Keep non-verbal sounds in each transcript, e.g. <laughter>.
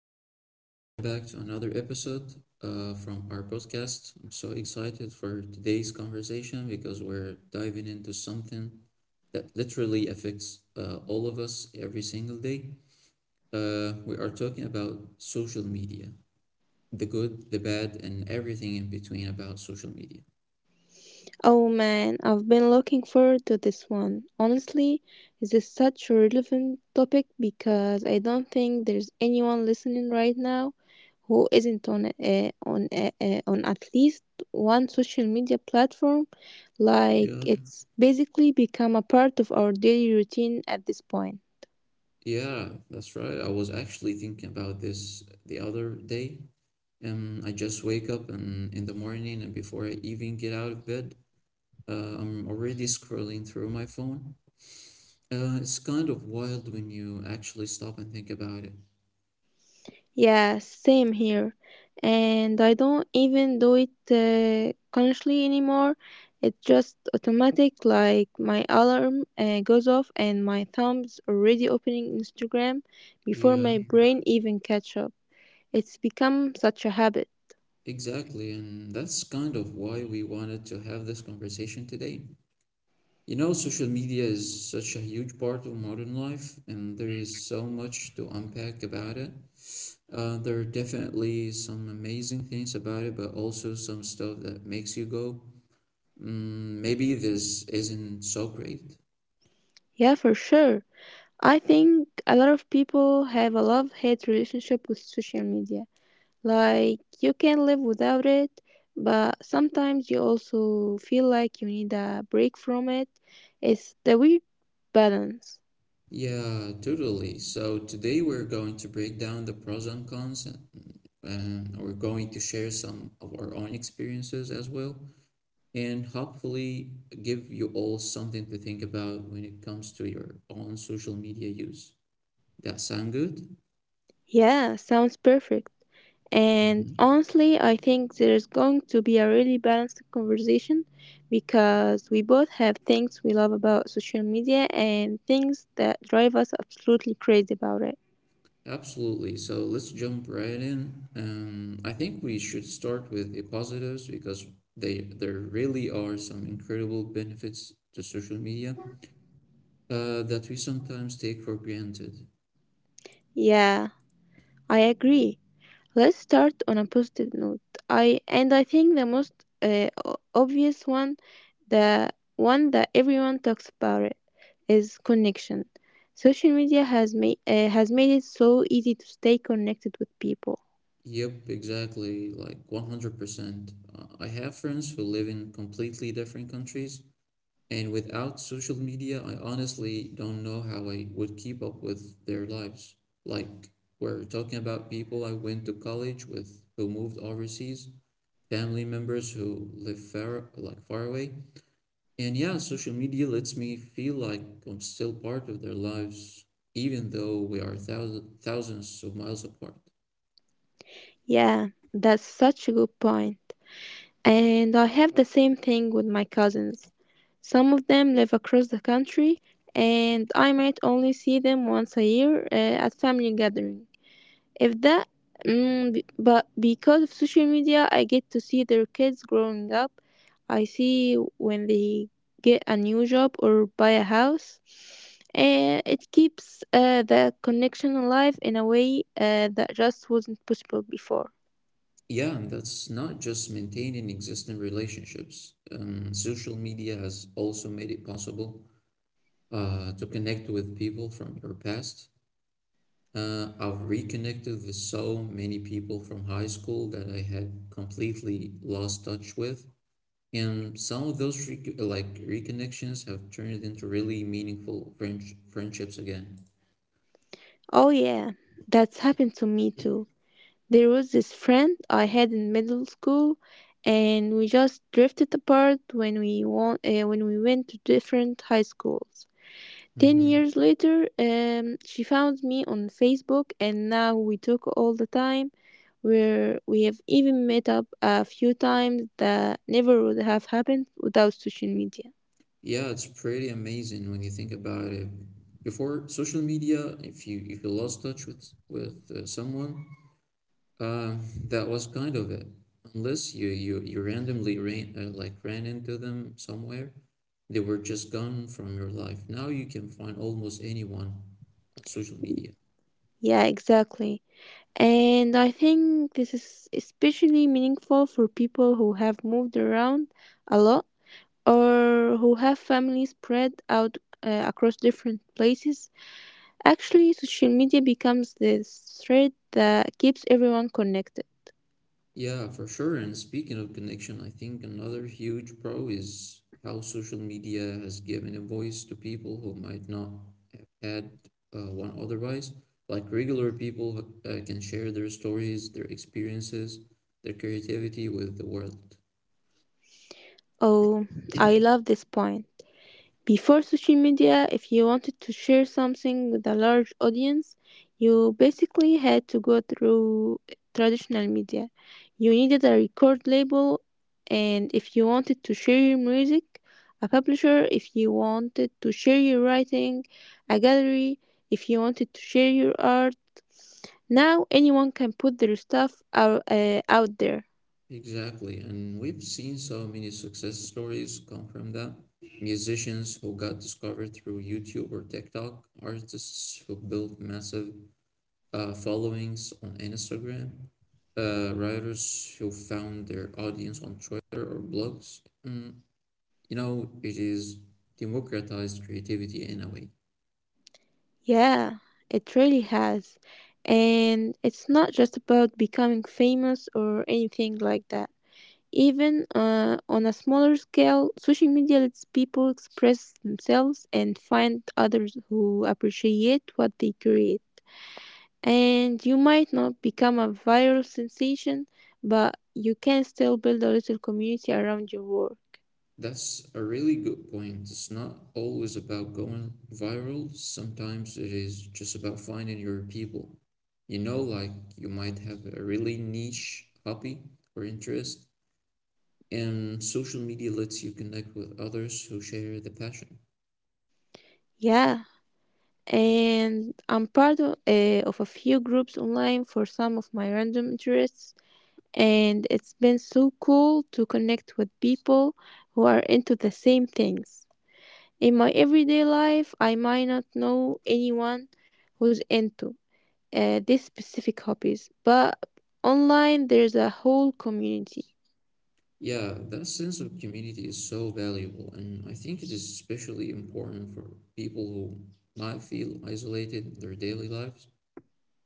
everyone, welcome back to another episode from our podcast. I'm so excited for today's conversation because we're diving into something that literally affects all of us every single day. We are talking about social media, the good, the bad, and everything in between about social media. Oh man, I've been looking forward to this one. Honestly, this is such a relevant topic because I don't think there's anyone listening right now who isn't on at least one social media platform. Like Yeah, it's basically become a part of our daily routine at this point. yeah, that's right. I was actually thinking about this the other day. I just wake up and in the morning and before I even get out of bed, I'm already scrolling through my phone. It's kind of wild when you actually stop and think about it. Yeah, same here. And I don't even do it consciously anymore. It's just automatic, like my alarm goes off and my thumb's already opening Instagram before Yeah, my brain even catch up. It's become such a habit. exactly. And that's kind of why we wanted to have this conversation today. You know, social media is such a huge part of modern life, and there is so much to unpack about it. There are definitely some amazing things about it, but also some stuff that makes you go, mm, maybe this isn't so great. Yeah, for sure. I think a lot of people have a love-hate relationship with social media. Like you can live without it, but sometimes you also feel like you need a break from it. It's the weird balance. Yeah, totally. So today we're going to break down the pros and cons. And we're going to share some of our own experiences as well, and hopefully give you all something to think about when it comes to your own social media use. That sound good? Yeah, sounds perfect. And Mhm. honestly, I think there's going to be a really balanced conversation because we both have things we love about social media and things that drive us absolutely crazy about it. Absolutely. So let's jump right in. I think we should start with the positives because they there really are some incredible benefits to social media that we sometimes take for granted. Yeah, I agree. Let's start on a positive note. I and I think the most obvious one, the one that everyone talks about it, is connection. Social media has made it so easy to stay connected with people. Yep, exactly, like 100%. I have friends who live in completely different countries, and without social media, I honestly don't know how I would keep up with their lives. Like, we're talking about people I went to college with who moved overseas, family members who live far, like far away, and yeah, social media lets me feel like I'm still part of their lives, even though we are thousands of miles apart. Yeah, that's such a good point. And I have the same thing with my cousins. Some of them live across the country, and I might only see them once a year at family gathering. If that, but because of social media, I get to see their kids growing up. I see when they get a new job or buy a house. And it keeps the connection alive in a way that just wasn't possible before. Yeah, and that's not just maintaining existing relationships. Social media has also made it possible to connect with people from your past. I've reconnected with so many people from high school that I had completely lost touch with. And some of those reconnections have turned into really meaningful friendships again. Oh, yeah, that's happened to me too. There was this friend I had in middle school, and we just drifted apart when we went to different high schools. Ten Hmm years later, she found me on Facebook, and now we talk all the time. Where we have even met up a few times that never would have happened without social media. Yeah, it's pretty amazing when you think about it. Before social media, if you lost touch with with someone, um, that was kind of it. Unless you randomly ran into them somewhere, they were just gone from your life. Now you can find almost anyone on social media. Yeah, exactly. And I think this is especially meaningful for people who have moved around a lot or who have families spread out across different places. Actually, social media becomes the thread that keeps everyone connected. Yeah, for sure. And speaking of connection, I think another huge pro is how social media has given a voice to people who might not have had one otherwise. Like regular people can share their stories, their experiences, their creativity with the world. Oh, I love this point. Before social media, if you wanted to share something with a large audience, you basically had to go through traditional media. You needed a record label, and if you wanted to share your music, a publisher, if you wanted to share your writing, a gallery, if you wanted to share your art. Now anyone can put their stuff out there. Exactly. And we've seen so many success stories come from that. Musicians who got discovered through YouTube or TikTok, artists who built massive followings on Instagram, writers who found their audience on Twitter or blogs. Mm, you know, it is democratized creativity in a way. Yeah, it really has. And it's not just about becoming famous or anything like that. Even on a smaller scale, social media lets people express themselves and find others who appreciate what they create. And you might not become a viral sensation, but you can still build a little community around your work. That's a really good point. It's not always about going viral, sometimes it is just about finding your people. You know, like you might have a really niche hobby or interest, and social media lets you connect with others who share the passion. Yeah, and I'm part of a few groups online for some of my random interests. And it's been so cool to connect with people who are into the same things. In my everyday life, I might not know anyone who's into these specific hobbies, but online there's a whole community. Yeah, that sense of community is so valuable, and I think it is especially important for people who might feel isolated in their daily lives.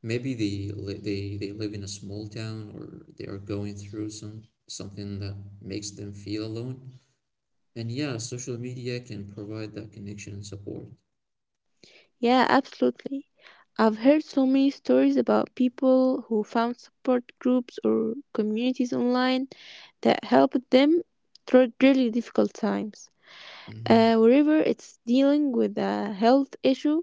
Maybe they li- they live in a small town or they are going through something that makes them feel alone. And yeah, social media can provide that connection and support. Yeah, absolutely. I've heard so many stories about people who found support groups or communities online that helped them through really difficult times. Hmm Wherever it's dealing with a health issue,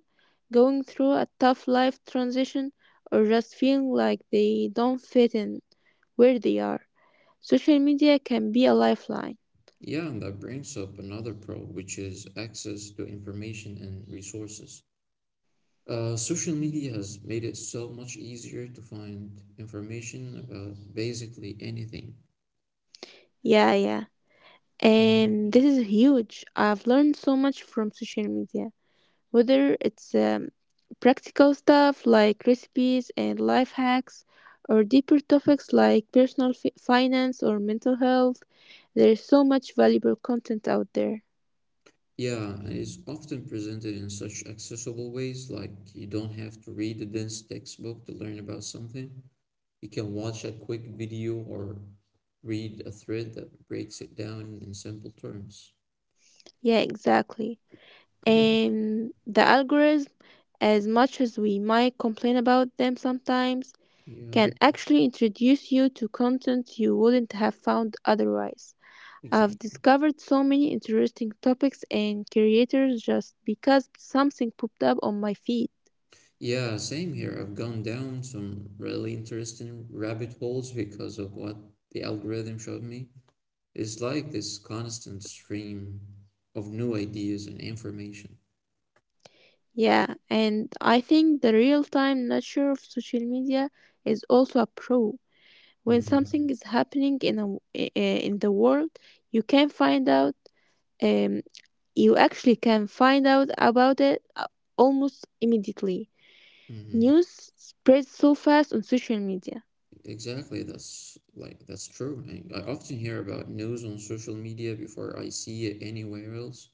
going through a tough life transition, or just feeling like they don't fit in where they are. Social media can be a lifeline. Yeah, and that brings up another pro, which is access to information and resources. Social media has made it so much easier to find information about basically anything. Yeah, yeah. Mhm. And this is huge. I've learned so much from social media, whether it's practical stuff like recipes and life hacks, or deeper topics like finance or mental health. There's so much valuable content out there. Yeah, and it's often presented in such accessible ways, like you don't have to read a dense textbook to learn about something. You can watch a quick video or read a thread that breaks it down in simple terms. Yeah, exactly. And the algorithm, as much as we might complain about them sometimes, Yeah, can actually introduce you to content you wouldn't have found otherwise. I've exactly. discovered so many interesting topics and creators just because something popped up on my feed. Yeah, same here. I've gone down some really interesting rabbit holes because of what the algorithm showed me. It's like this constant stream of new ideas and information. Yeah, and I think the real time nature of social media is also a pro. When Mm-hmm. something is happening in a, w- I- in the world, you can find out um, you actually can find out about it almost immediately. Mm-hmm. News spreads so fast on social media. Exactly. That's true. I often hear about news on social media before I see it anywhere else.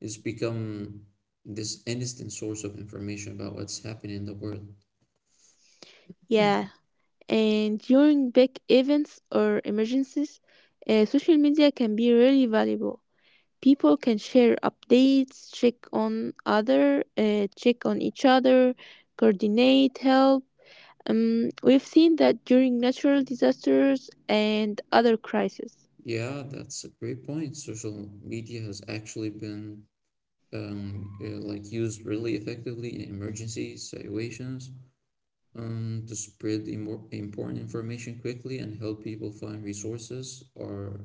It's become this instant source of information about what's happening in the world. Yeah, and during big events or emergencies, social media can be really valuable. People can share updates, check on each other, coordinate help. We've seen that during natural disasters and other crises. Yeah, that's a great point. Social media has actually been like used really effectively in emergency situations to spread important information quickly and help people find resources or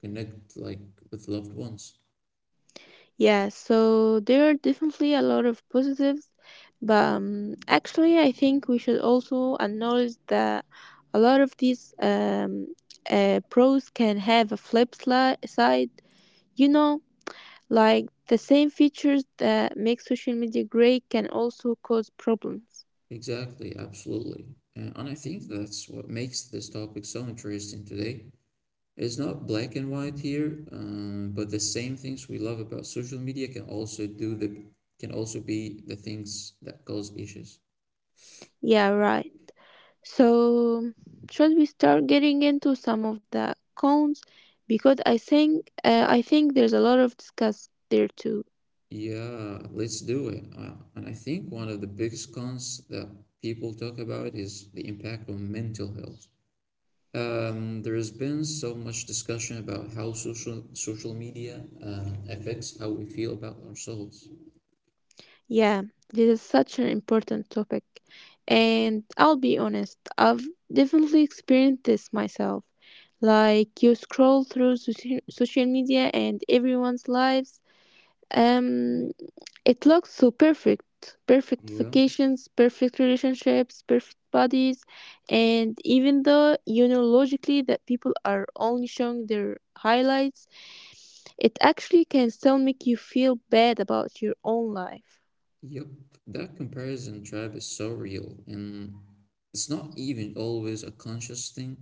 connect like with loved ones. Yeah, so there are definitely a lot of positives, but actually, I think we should also acknowledge that a lot of these pros can have a side. You know, like the same features that make social media great can also cause problems. Exactly, absolutely. And I think that's what makes this topic so interesting today. It's not black and white here, but the same things we love about social media can also be the things that cause issues. Yeah, right. So, should we start getting into some of the cons? Because I think there's a lot of discuss there too. Yeah, let's do it. And I think one of the biggest cons that people talk about is the impact on mental health. There has been so much discussion about how social media affects how we feel about ourselves. Yeah, this is such an important topic, and I'll be honest, I've definitely experienced this myself. Like you scroll through social media and everyone's lives, um, it looks so perfect. Perfect Yeah, vacations, perfect relationships, perfect bodies. And even though you know logically that people are only showing their highlights, it actually can still make you feel bad about your own life. yep. That comparison trap is so real, and it's not even always a conscious thing.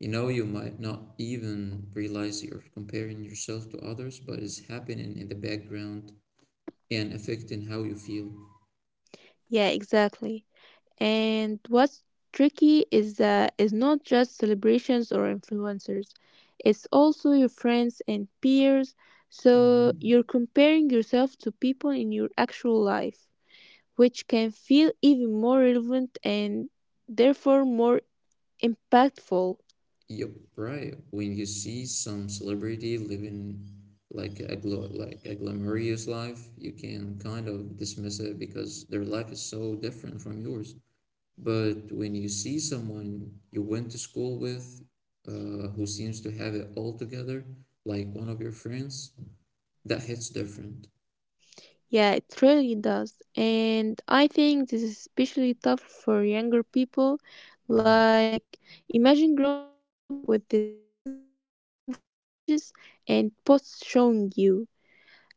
You know, you might not even realize you're comparing yourself to others, but it's happening in the background and affecting how you feel. Yeah, exactly. And what's tricky is that it's not just celebrations or influencers, it's also your friends and peers. So Mm-hmm. you're comparing yourself to people in your actual life, which can feel even more relevant and therefore more impactful. Yep, right. When you see some celebrity living like a glamorous life, you can kind of dismiss it because their life is so different from yours. But when you see someone you went to school with, who seems to have it all together, like one of your friends, that hits different. Yeah, it really does. And I think this is especially tough for younger people. Mm, Like, imagine growing up with this constant stream of images and posts showing you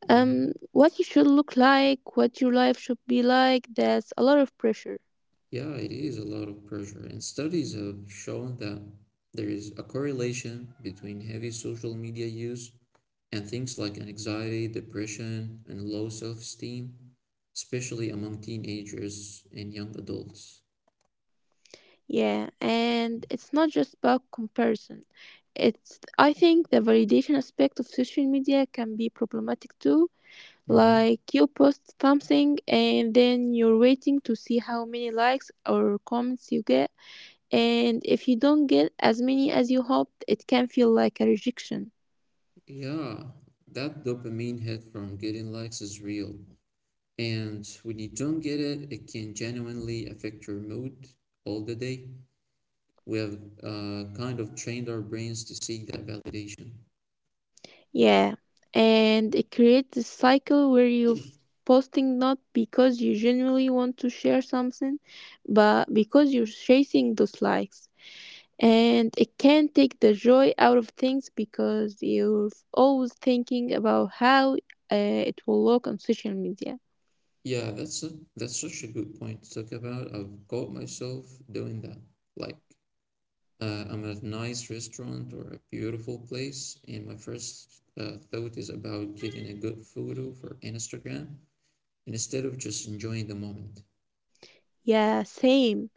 yeah, what you should look like, what your life should be like. That's a lot of pressure. yeah, it is a lot of pressure, and studies have shown that there is a correlation between heavy social media use and things like anxiety, depression, and low self esteem, especially among teenagers and young adults. Yeah, and it's not just about comparison. It's, I think the validation aspect of social media can be problematic too. Hmm Like you post something and then you're waiting to see how many likes or comments you get, and if you don't get as many as you hoped, it can feel like a rejection. Yeah, that dopamine hit from getting likes is real. And when you don't get it, it can genuinely affect your mood all the day. We have kind of trained our brains to seek that validation. Yeah, and it creates this cycle where you're posting not because you genuinely want to share something, but because you're chasing those likes. And it can take the joy out of things because you're always thinking about how it will look on social media. Yeah, that's such a good point to talk about. I've caught myself doing that. Like I'm at a nice restaurant or a beautiful place, and my first thought is about getting a good photo for Instagram instead of just enjoying the moment. Yeah, same.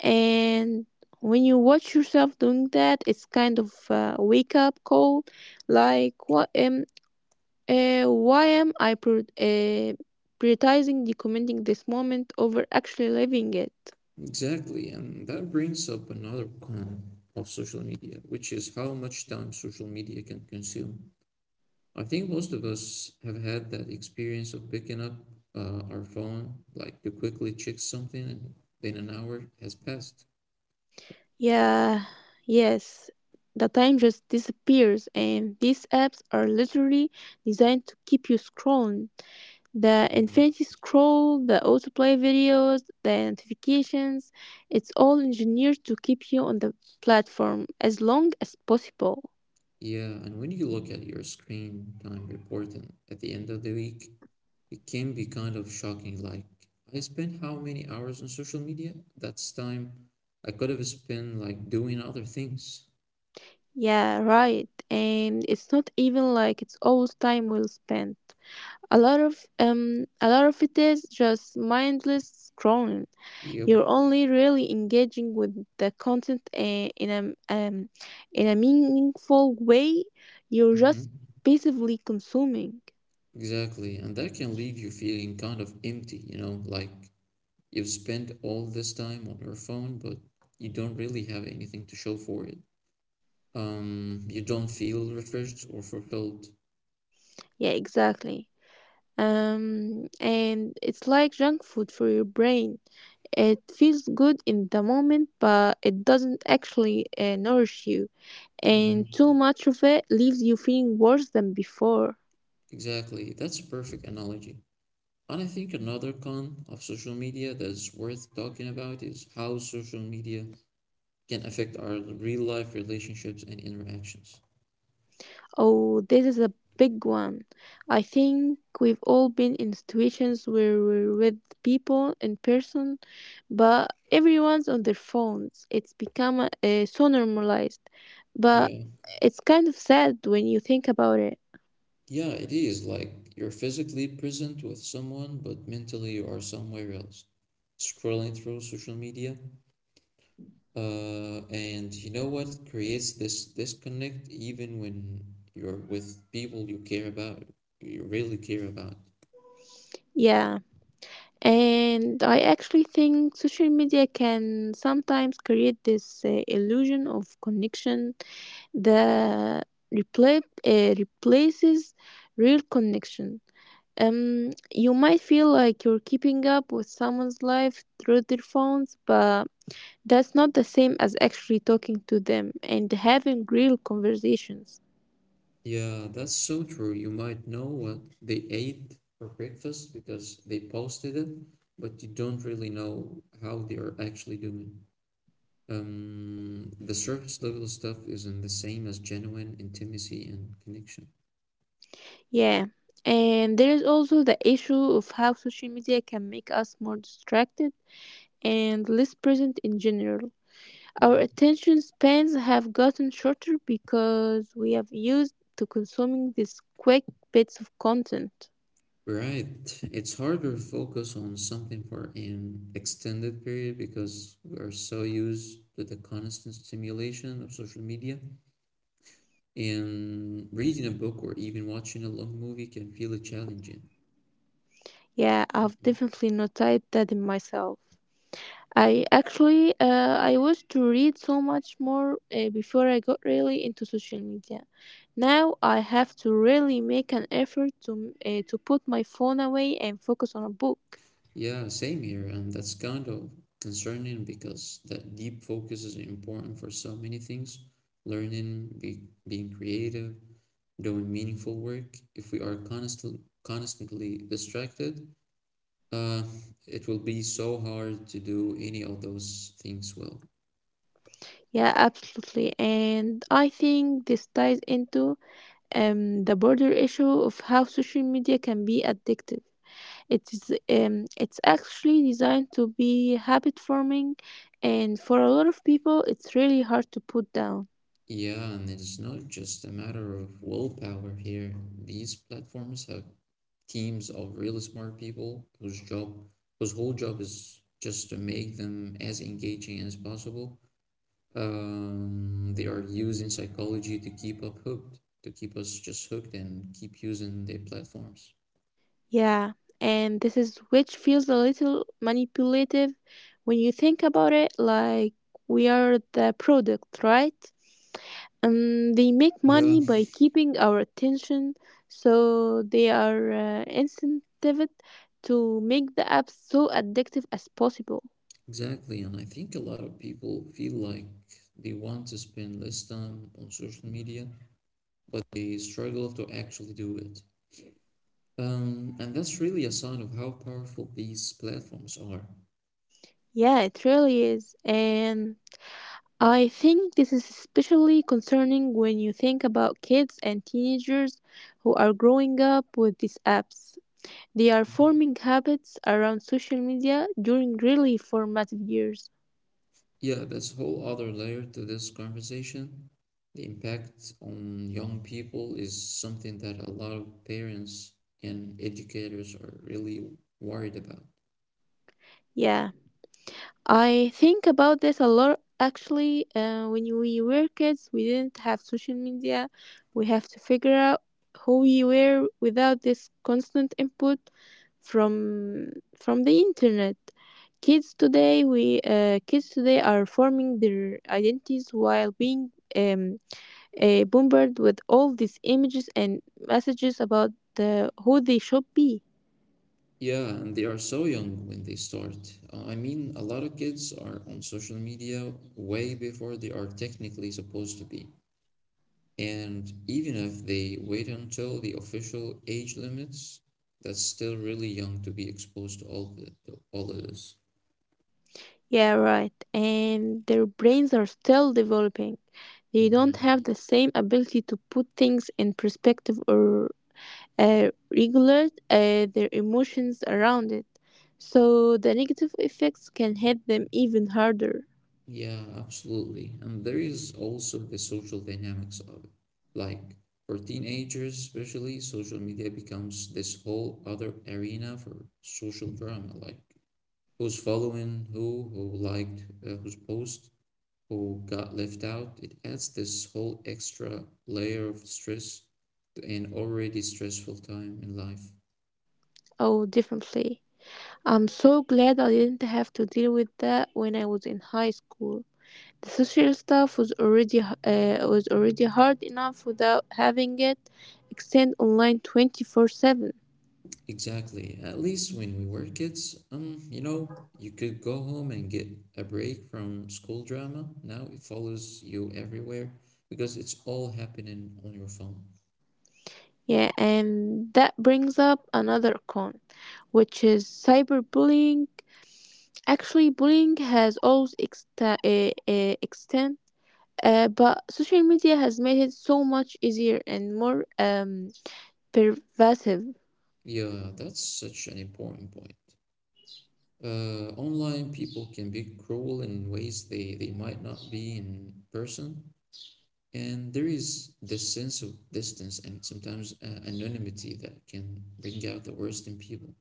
And when you watch yourself doing that, it's kind of a wake up call. Like, what? Why am I prioritizing documenting this moment over actually living it? Exactly, and that brings up another con of social media, which is how much time social media can consume. I think most of us have had that experience of picking up our phone, like to quickly check something, and then an hour has passed. Yeah, yes. The time just disappears, and these apps are literally designed to keep you scrolling. The infinity scroll, the autoplay videos, the notifications, it's all engineered to keep you on the platform as long as possible. Yeah, and when you look at your screen time reporting at the end of the week, it can be kind of shocking. Like, I spent how many hours on social media? That's time I could have spent like doing other things. Yeah, right. And it's not even like it's always time well spent. A lot of it is just mindless scrolling. Yep. You're only really engaging with the content um, in a meaningful way. You're just hmm passively consuming. Exactly. And that can leave you feeling kind of empty, you know, like you've spent all this time on your phone, but you don't really have anything to show for it. You don't feel refreshed or fulfilled. Yeah, exactly. And it's like junk food for your brain. It feels good in the moment, but it doesn't actually nourish you. And Hmm too much of it leaves you feeling worse than before. Exactly. That's a perfect analogy. And I think another con of social media that's worth talking about is how social media can affect our real life relationships and interactions. Oh, this is a big one. I think we've all been in situations where we're with people in person, but everyone's on their phones. It's become so normalized, but Yeah. it's kind of sad when you think about it. Yeah, it is. Like you're physically present with someone, but mentally you are somewhere else, scrolling through social media. And you know what? It creates this disconnect even when you're with people you care about, you really care about. Yeah. And I actually think social media can sometimes create this illusion of connection that replaces real connection. You might feel like you're keeping up with someone's life through their phones, but that's not the same as actually talking to them and having real conversations. Yeah, that's so true. You might know what they ate for breakfast because they posted it, but you don't really know how they are actually doing. The surface level stuff isn't the same as genuine intimacy and connection. Yeah. And there is also the issue of how social media can make us more distracted and less present in general. Our Mhm. attention spans have gotten shorter because we have used to consuming these quick bits of content. Right. It's harder to focus on something for an extended period because we are so used to the constant stimulation of social media. And reading a book or even watching a long movie can feel challenging. Yeah, I've definitely noticed that in myself. I used to read so much more before I got really into social media. Now I have to really make an effort to put my phone away and focus on a book. Yeah, same here, and that's kind of concerning because that deep focus is important for so many things learning, being creative, doing meaningful work. If we are constantly distracted, uh, it will be so hard to do any of those things well. Yeah, absolutely. And I think this ties into the broader issue of how social media can be addictive. It is it's actually designed to be habit forming, and for a lot of people, it's really hard to put down. Yeah, and it's not just a matter of willpower here. These platforms have teams of really smart people whose whole job is just to make them as engaging as possible. They are using psychology to keep up hooked, to keep us just hooked and keep using their platforms. Yeah, and this is which feels a little manipulative when you think about it, like we are the product, right? They make Yeah, money by keeping our attention, so they are incentivized to make the app so addictive as possible. exactly, and I think a lot of people feel like they want to spend less time on social media, but they struggle to actually do it. And that's really a sign of how powerful these platforms are. Yeah, it really is, and I think this is especially concerning when you think about kids and teenagers who are growing up with these apps. They are Mhm. forming habits around social media during really formative years. Yeah, that's a whole other layer to this conversation. The impact on young people is something that a lot of parents and educators are really worried about. Yeah, I think about this a lot actually. When we were kids, we didn't have social media. We have to figure out who we were without this constant input from from the internet. Kids today, we kids today are forming their identities while being bombarded with all these images and messages about who they should be. Yeah, and they are so young when they start. I mean, a lot of kids are on social media way before they are technically supposed to be. And even if they wait until the official age limits, that's still really young to be exposed to to all of this. Yeah, right. And their brains are still developing. They don't Hmm. have the same ability to put things in perspective or uh, regulate their emotions around it. So the negative effects can hit them even harder. Yeah, absolutely. And there is also the social dynamics of it. Like for teenagers, especially, social media becomes this whole other arena for social drama. Like who's following who liked whose post, who got left out, it adds this whole extra layer of stress to an already stressful time in life. Oh, definitely. I'm so glad I didn't have to deal with that when I was in high school. The social stuff was already was already hard enough without having it extend online 24/7. Exactly. At least when we were kids, you know, you could go home and get a break from school drama. Now it follows you everywhere because it's all happening on your phone. Yeah, and that brings up another con, which is cyberbullying. Actually, bullying has always extend, but social media has made it so much easier and more pervasive. Yeah, that's such an important point. Online people can be cruel in ways they might not be in person. And there is this sense of distance and sometimes anonymity that can bring out the worst in people.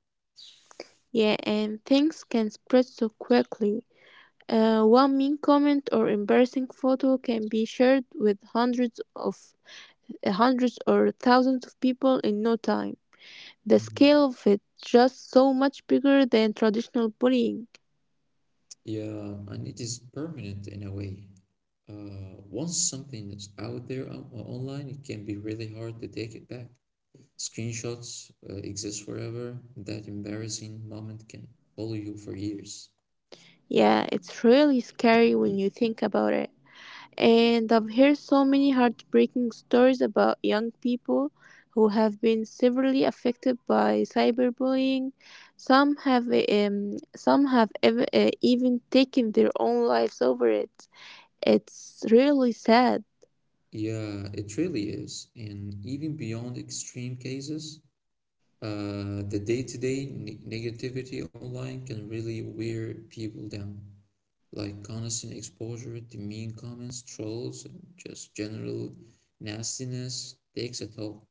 Yeah, and things can spread so quickly. One mean comment or embarrassing photo can be shared with hundreds or thousands of people in no time. The Mhm. scale of it just so much bigger than traditional bullying. Yeah, and it is permanent in a way. Once something is online, it can be really hard to take it back. Screenshots exist forever. That embarrassing moment can follow you for years. Yeah, it's really scary when you think about it. And I've heard so many heartbreaking stories about young people who have been severely affected by cyberbullying. Some have even taken their own lives over it. It's really sad. Yeah, it really is. And even beyond extreme cases, the negativity online can really wear people down. Like constant exposure to mean comments, trolls, and just general nastiness takes a toll.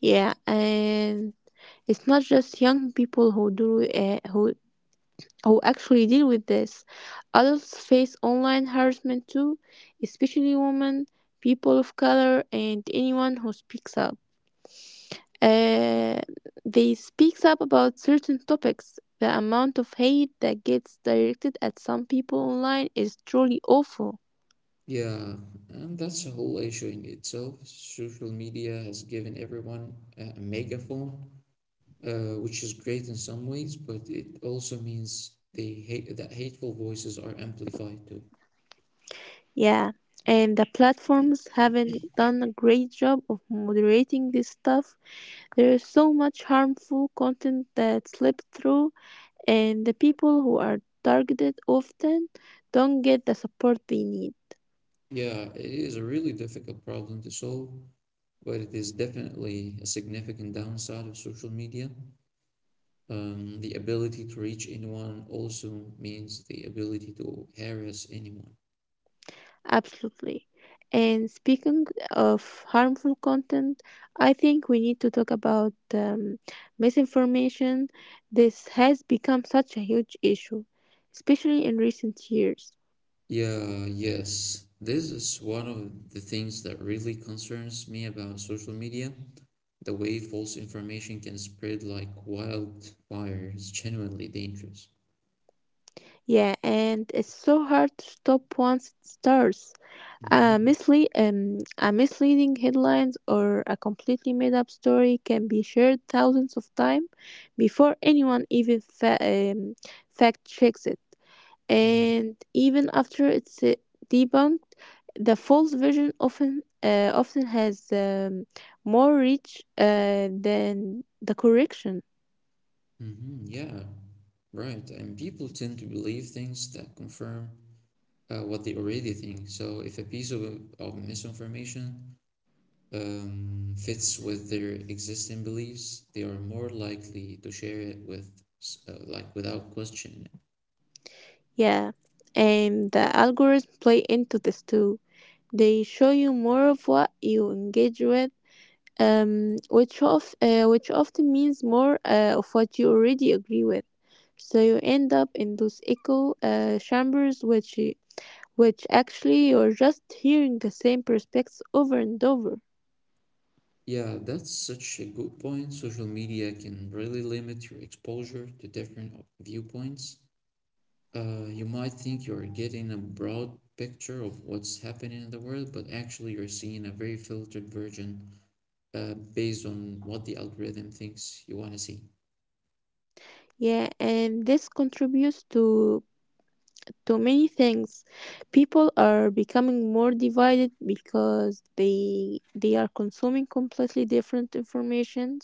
Yeah, and it's not just young people who who actually deal with this. Adults face online harassment too, especially women, people of color, and anyone who speaks up. Uh, they speaks up about certain topics. The amount of hate that gets directed at some people online is truly awful. Yeah, and that's a whole issue in itself. Social media has given everyone a megaphone, which is great in some ways, but it also means they hate that hateful voices are amplified too. Yeah, and the platforms haven't done a great job of moderating this stuff. There is so much harmful content that slips through and the people who are targeted often don't get the support they need. Yeah, it is a really difficult problem to solve, but it is definitely a significant downside of social media. The ability to reach anyone also means the ability to harass anyone. Absolutely. And speaking of harmful content, I think we need to talk about misinformation. This has become such a huge issue, especially in recent years. Yeah, yes. This is one of the things that really concerns me about social media. The way false information can spread like wildfire is genuinely dangerous. Yeah, and it's so hard to stop once it starts. A, Hmm. misle- um, a misleading headlines or a completely made up story can be shared thousands of times before anyone even fact checks it. And even after it's debunked, the false version often has more reach than the correction. Hmm. Yeah, right. And people tend to believe things that confirm what they already think. So if of misinformation fits with their existing beliefs, they are more likely to share it, like, without questioning it. Yeah, and the algorithms play into this too. They show you more of what you engage with which often means more of what you already agree with. So you end up in those echo chambers, which actually you're just hearing the same perspectives over and over. Yeah, that's such a good point. Social media can really limit your exposure to different viewpoints. You might think you're getting a broad picture of what's happening in the world, but actually you're seeing a very filtered version based on what the algorithm thinks you want to see. Yeah, and this contributes to many things. People are becoming more divided because they are consuming completely different informations.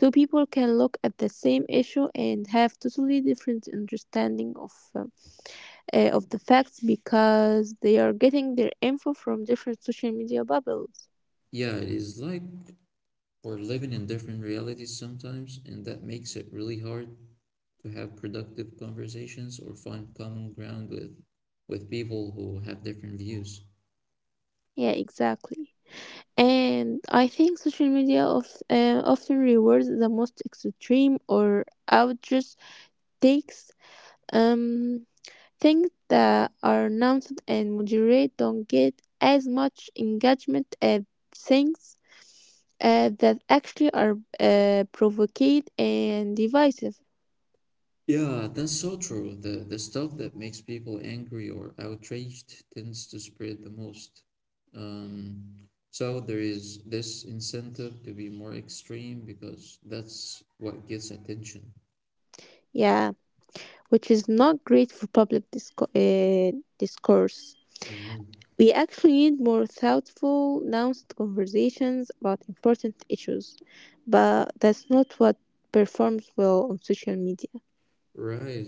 Two people can look at the same issue and have totally different understanding of the facts because they are getting their info from different social media bubbles. Yeah, it is like we're living in different realities sometimes, and that makes it really hard to have productive conversations or find common ground with people who have different views. Yeah, exactly. And I think social media often rewards the most extreme or outrageous takes. Um, Things that are announced and moderate don't get as much engagement as things that actually are provocative and divisive. Yeah, that's so true. The stuff that makes people angry or outraged tends to spread the most. Um, so there is this incentive to be more extreme because that's what gets attention. Yeah, which is not great for public discourse. Mhm. We actually need more thoughtful, nuanced conversations about important issues, but that's not what performs well on social media. Right.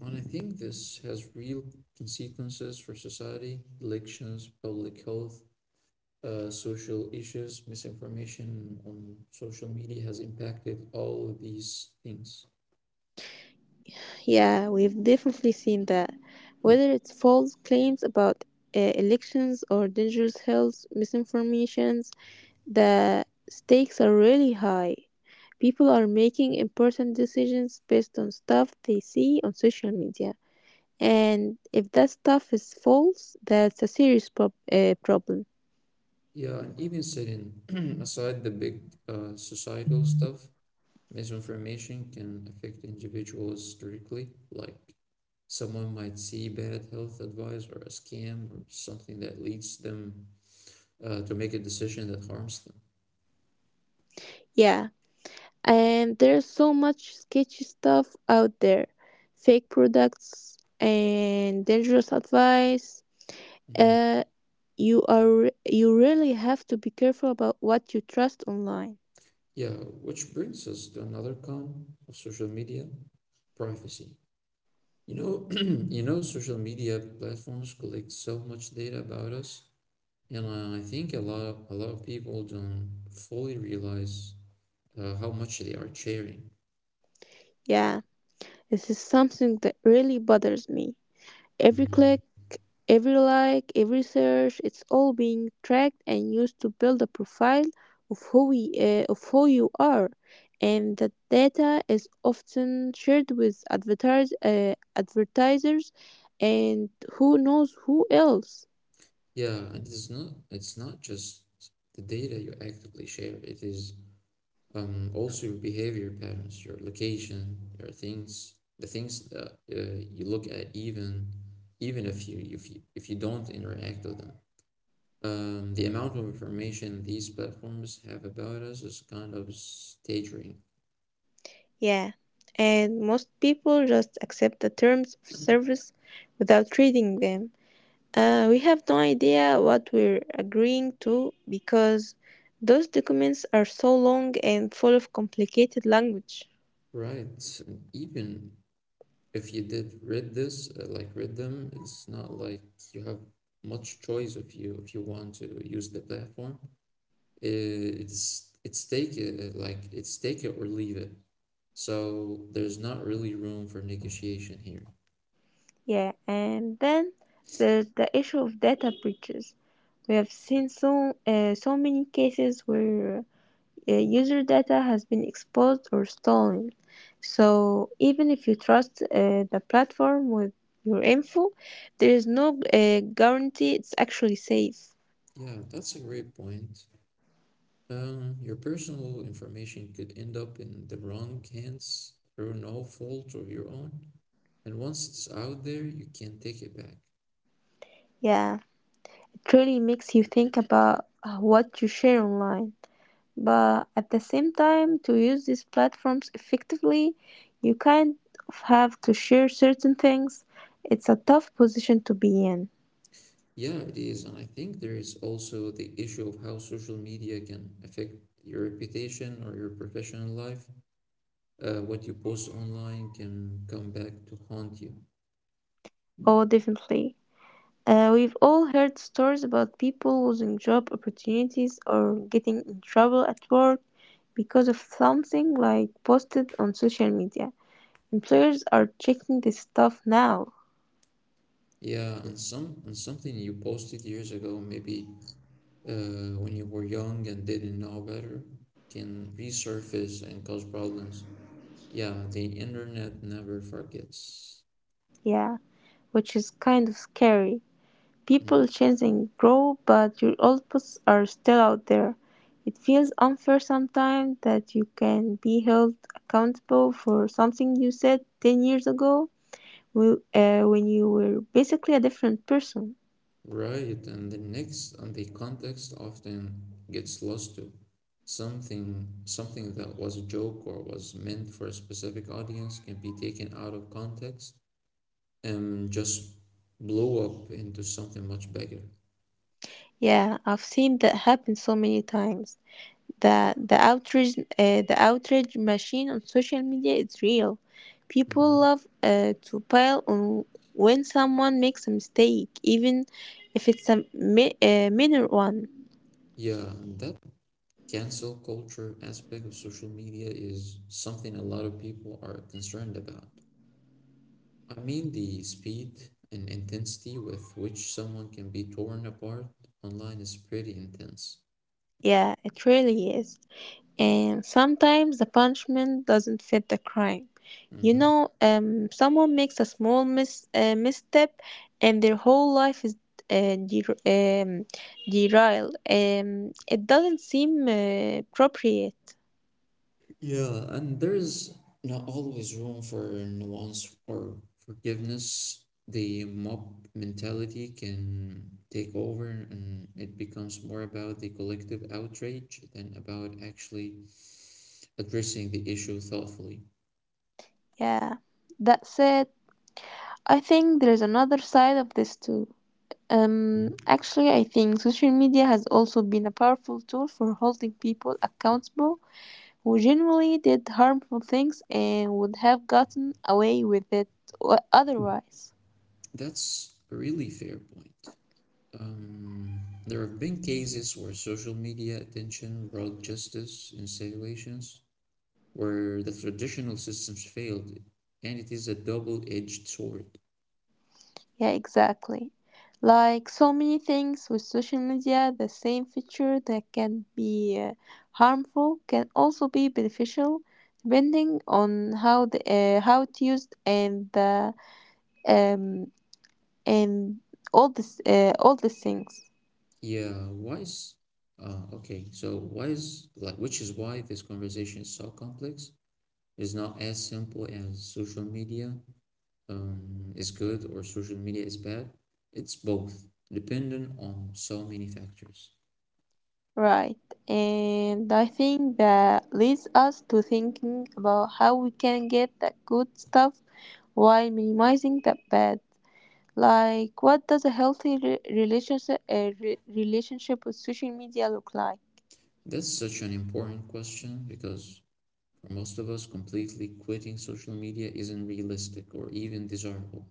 And I think this has real consequences for society, elections, public health, social issues, misinformation on social media has impacted all of these things. Yeah, we've definitely seen that. Whether it's false claims about elections or dangerous health misinformations, the stakes are really high. People are making important decisions based on stuff they see on social media. And if that stuff is false, that's a serious problem. Yeah, and even setting <clears throat> aside the big societal stuff, misinformation can affect individuals directly. Like someone might see bad health advice or a scam or something that leads them to make a decision that harms them. Yeah, and there's so much sketchy stuff out there, fake products and dangerous advice. Mhm. Uh, you really have to be careful about what you trust online. Yeah, which brings us to another con of social media, privacy. You know, <clears throat> you know, social media platforms collect so much data about us, and I think a lot a lot of people don't fully realize how much they are sharing. Yeah, this is something that really bothers me. Every Mhm. click, every like, every search, it's all being tracked and used to build a profile of who we of who you are, and that data is often shared with advertisers and who knows who else. Yeah, and it's not just the data you actively share. It is also your behavior patterns, your location, the things that you look at, even if if you don't interact with them. The amount of information these platforms have about us is kind of staggering, Yeah, and most people just accept the terms of service without reading them. We have no idea what we're agreeing to because those documents are so long and full of complicated language. right? And even if you did read this, like read them, it's not like you have much choice if you want to use the platform. It's take it like it's take it or leave it. So there's not really room for negotiation here. Yeah, and then there's the issue of data breaches. We have seen so many cases where user data has been exposed or stolen. So even if you trust the platform with your info, there is no guarantee it's actually safe. Yeah, that's a great point. Your personal information could end up in the wrong hands through no fault of your own, and once it's out there, you can't take it back. Yeah, it really makes you think about what you share online. But at the same time, to use these platforms effectively, you kind of have to share certain things. It's a tough position to be in. Yeah, it is, and I think there is also the issue of how social media can affect your reputation or your professional life. What you post online can come back to haunt you. Oh, definitely. We've all heard stories about people losing job opportunities or getting in trouble at work because of something like posted on social media. Employers are checking this stuff now, Yeah, and something you posted years ago maybe when you were young and didn't know better can resurface and cause problems. Yeah, the internet never forgets. yeah, which is kind of scary. Mm. People change and grow, but your old posts are still out there. It feels unfair sometimes that you can be held accountable for something you said 10 years ago when you were basically a different person. Right, and the next and the context often gets lost too. Something that was a joke or was meant for a specific audience can be taken out of context and just blow up into something much bigger. Yeah, I've seen that happen so many times. The outrage machine on social media is real. People Mhm. love to pile on when someone makes a mistake, even if it's a minor one. Yeah, and that cancel culture aspect of social media is something a lot of people are concerned about. I mean, the speed and intensity with which someone can be torn apart online is pretty intense. Yeah, it really is. And sometimes the punishment doesn't fit the crime. You Hmm. know, someone makes a small misstep and their whole life is uh, der- um, derailed. It doesn't seem appropriate. Yeah, and there's not always room for nuance or forgiveness. The mob mentality can take over, and it becomes more about the collective outrage than about actually addressing the issue thoughtfully. Yeah. That said, I think there is another side of this too. Actually, I think social media has also been a powerful tool for holding people accountable who generally did harmful things and would have gotten away with it otherwise. That's a really fair point. Um, there have been cases where social media attention brought justice in situations where the traditional systems failed, and it is a double-edged sword. Yeah, exactly. Like so many things with social media, the same feature that can be harmful can also be beneficial, depending on how it's used and the um and all this all these things. Yeah, why is okay, so why is like Which is why this conversation is so complex? It's not as simple as social media is good or social media is bad. It's both, dependent on so many factors. Right, and I think that leads us to thinking about how we can get the good stuff while minimizing the bad. Like, what does a healthy relationship with social media look like? That's such an important question because for most of us, completely quitting social media isn't realistic or even desirable.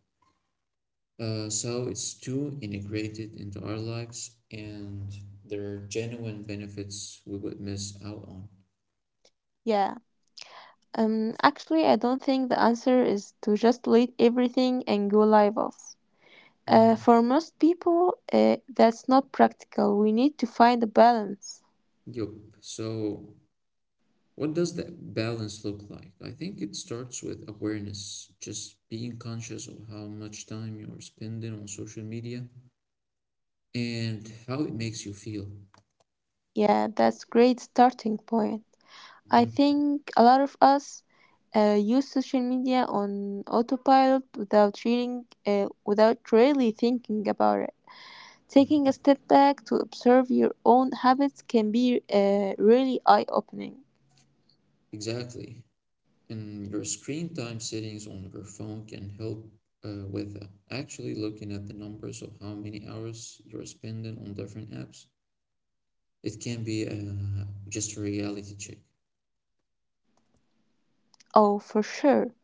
So it's too integrated into our lives, and there are genuine benefits we would miss out on. Yeah. Actually, I don't think the answer is to just delete everything and go live off. Mhm. For most people, that's not practical. We need to find a balance. Yup. So, what does that balance look like? I think it starts with awareness, just being conscious of how much time you're spending on social media and how it makes you feel. Yeah, that's great starting point. I Mhm. think a lot of us use social media on autopilot without really thinking about it. Taking a Mhm. step back to observe your own habits can be really eye opening. Exactly. And your screen time settings on your phone can help with that. Actually, looking at the numbers of how many hours you're spending on different apps, it can be just a reality check. Oh, for sure.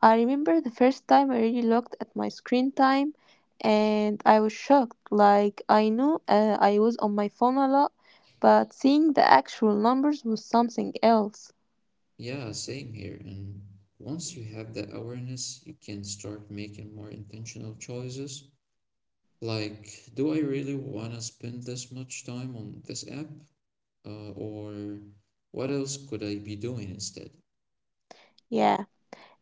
I remember the first time I really looked at my screen time and I was shocked. Like, I knew I was on my phone a lot, but seeing the actual numbers was something else. Yeah, same here. And once you have that awareness, you can start making more intentional choices. Like, do I really want to spend this much time on this app? Or what else could I be doing instead? Yeah,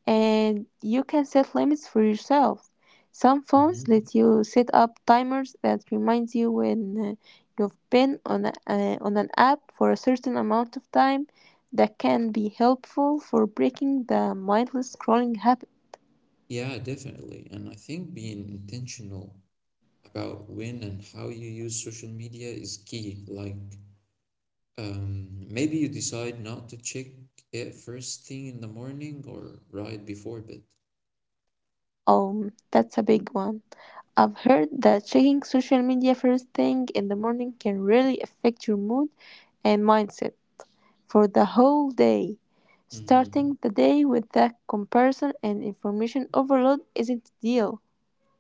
and you can set limits for yourself. Some phones Mhm. let you set up timers that reminds you when you've been on on an app for a certain amount of time. That can be helpful for breaking the mindless scrolling habit. Yeah, definitely. And I think being intentional about when and how you use social media is key. Like, maybe you decide not to check it first thing in the morning or right before bed. That's a big one. I've heard that checking social media first thing in the morning can really affect your mood and mindset for the whole day. Hmm. Starting the day with the comparison and information overload isn't ideal.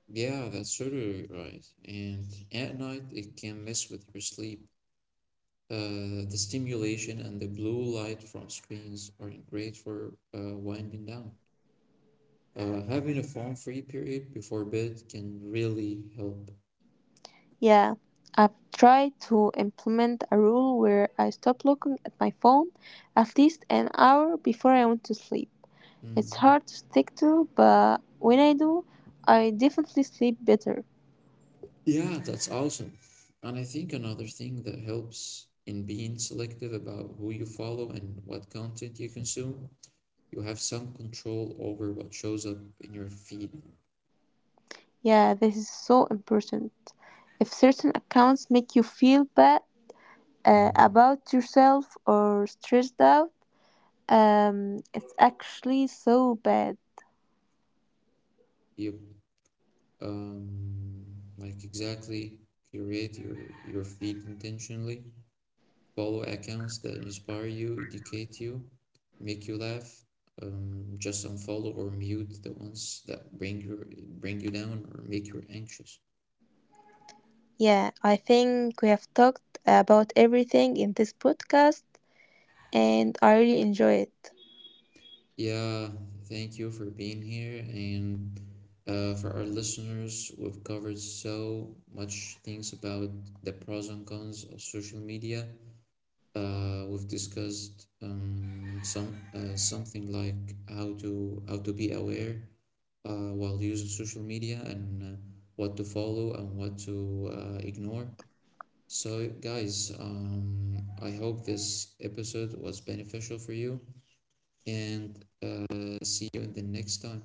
Yeah, that's totally right. And at night, it can mess with your sleep. The stimulation and the blue light from screens aren't great for winding down. Having a phone-free period before bed can really help. Yeah, I've tried to implement a rule where I stop looking at my phone at least an hour before I want to sleep. It's Mhm. hard to stick to, but when I do, I definitely sleep better. Yeah, that's awesome. And I think another thing that helps in being selective about who you follow and what content you consume, you have some control over what shows up in your feed. Yeah, this is so important. If certain accounts make you feel bad Mhm. about yourself or stressed out, it's actually so bad. You um like Exactly, curate your feed intentionally, follow accounts that inspire you, educate you, make you laugh. Just unfollow or mute the ones that bring you down or make you anxious. Yeah, I think we have talked about everything in this podcast, and I really enjoy it. Yeah, thank you for being here. And for our listeners, we've covered so much things about the pros and cons of social media. We've discussed something like how to be aware while using social media and what to follow and what to ignore. So, guys, I hope this episode was beneficial for you and see you in the next time.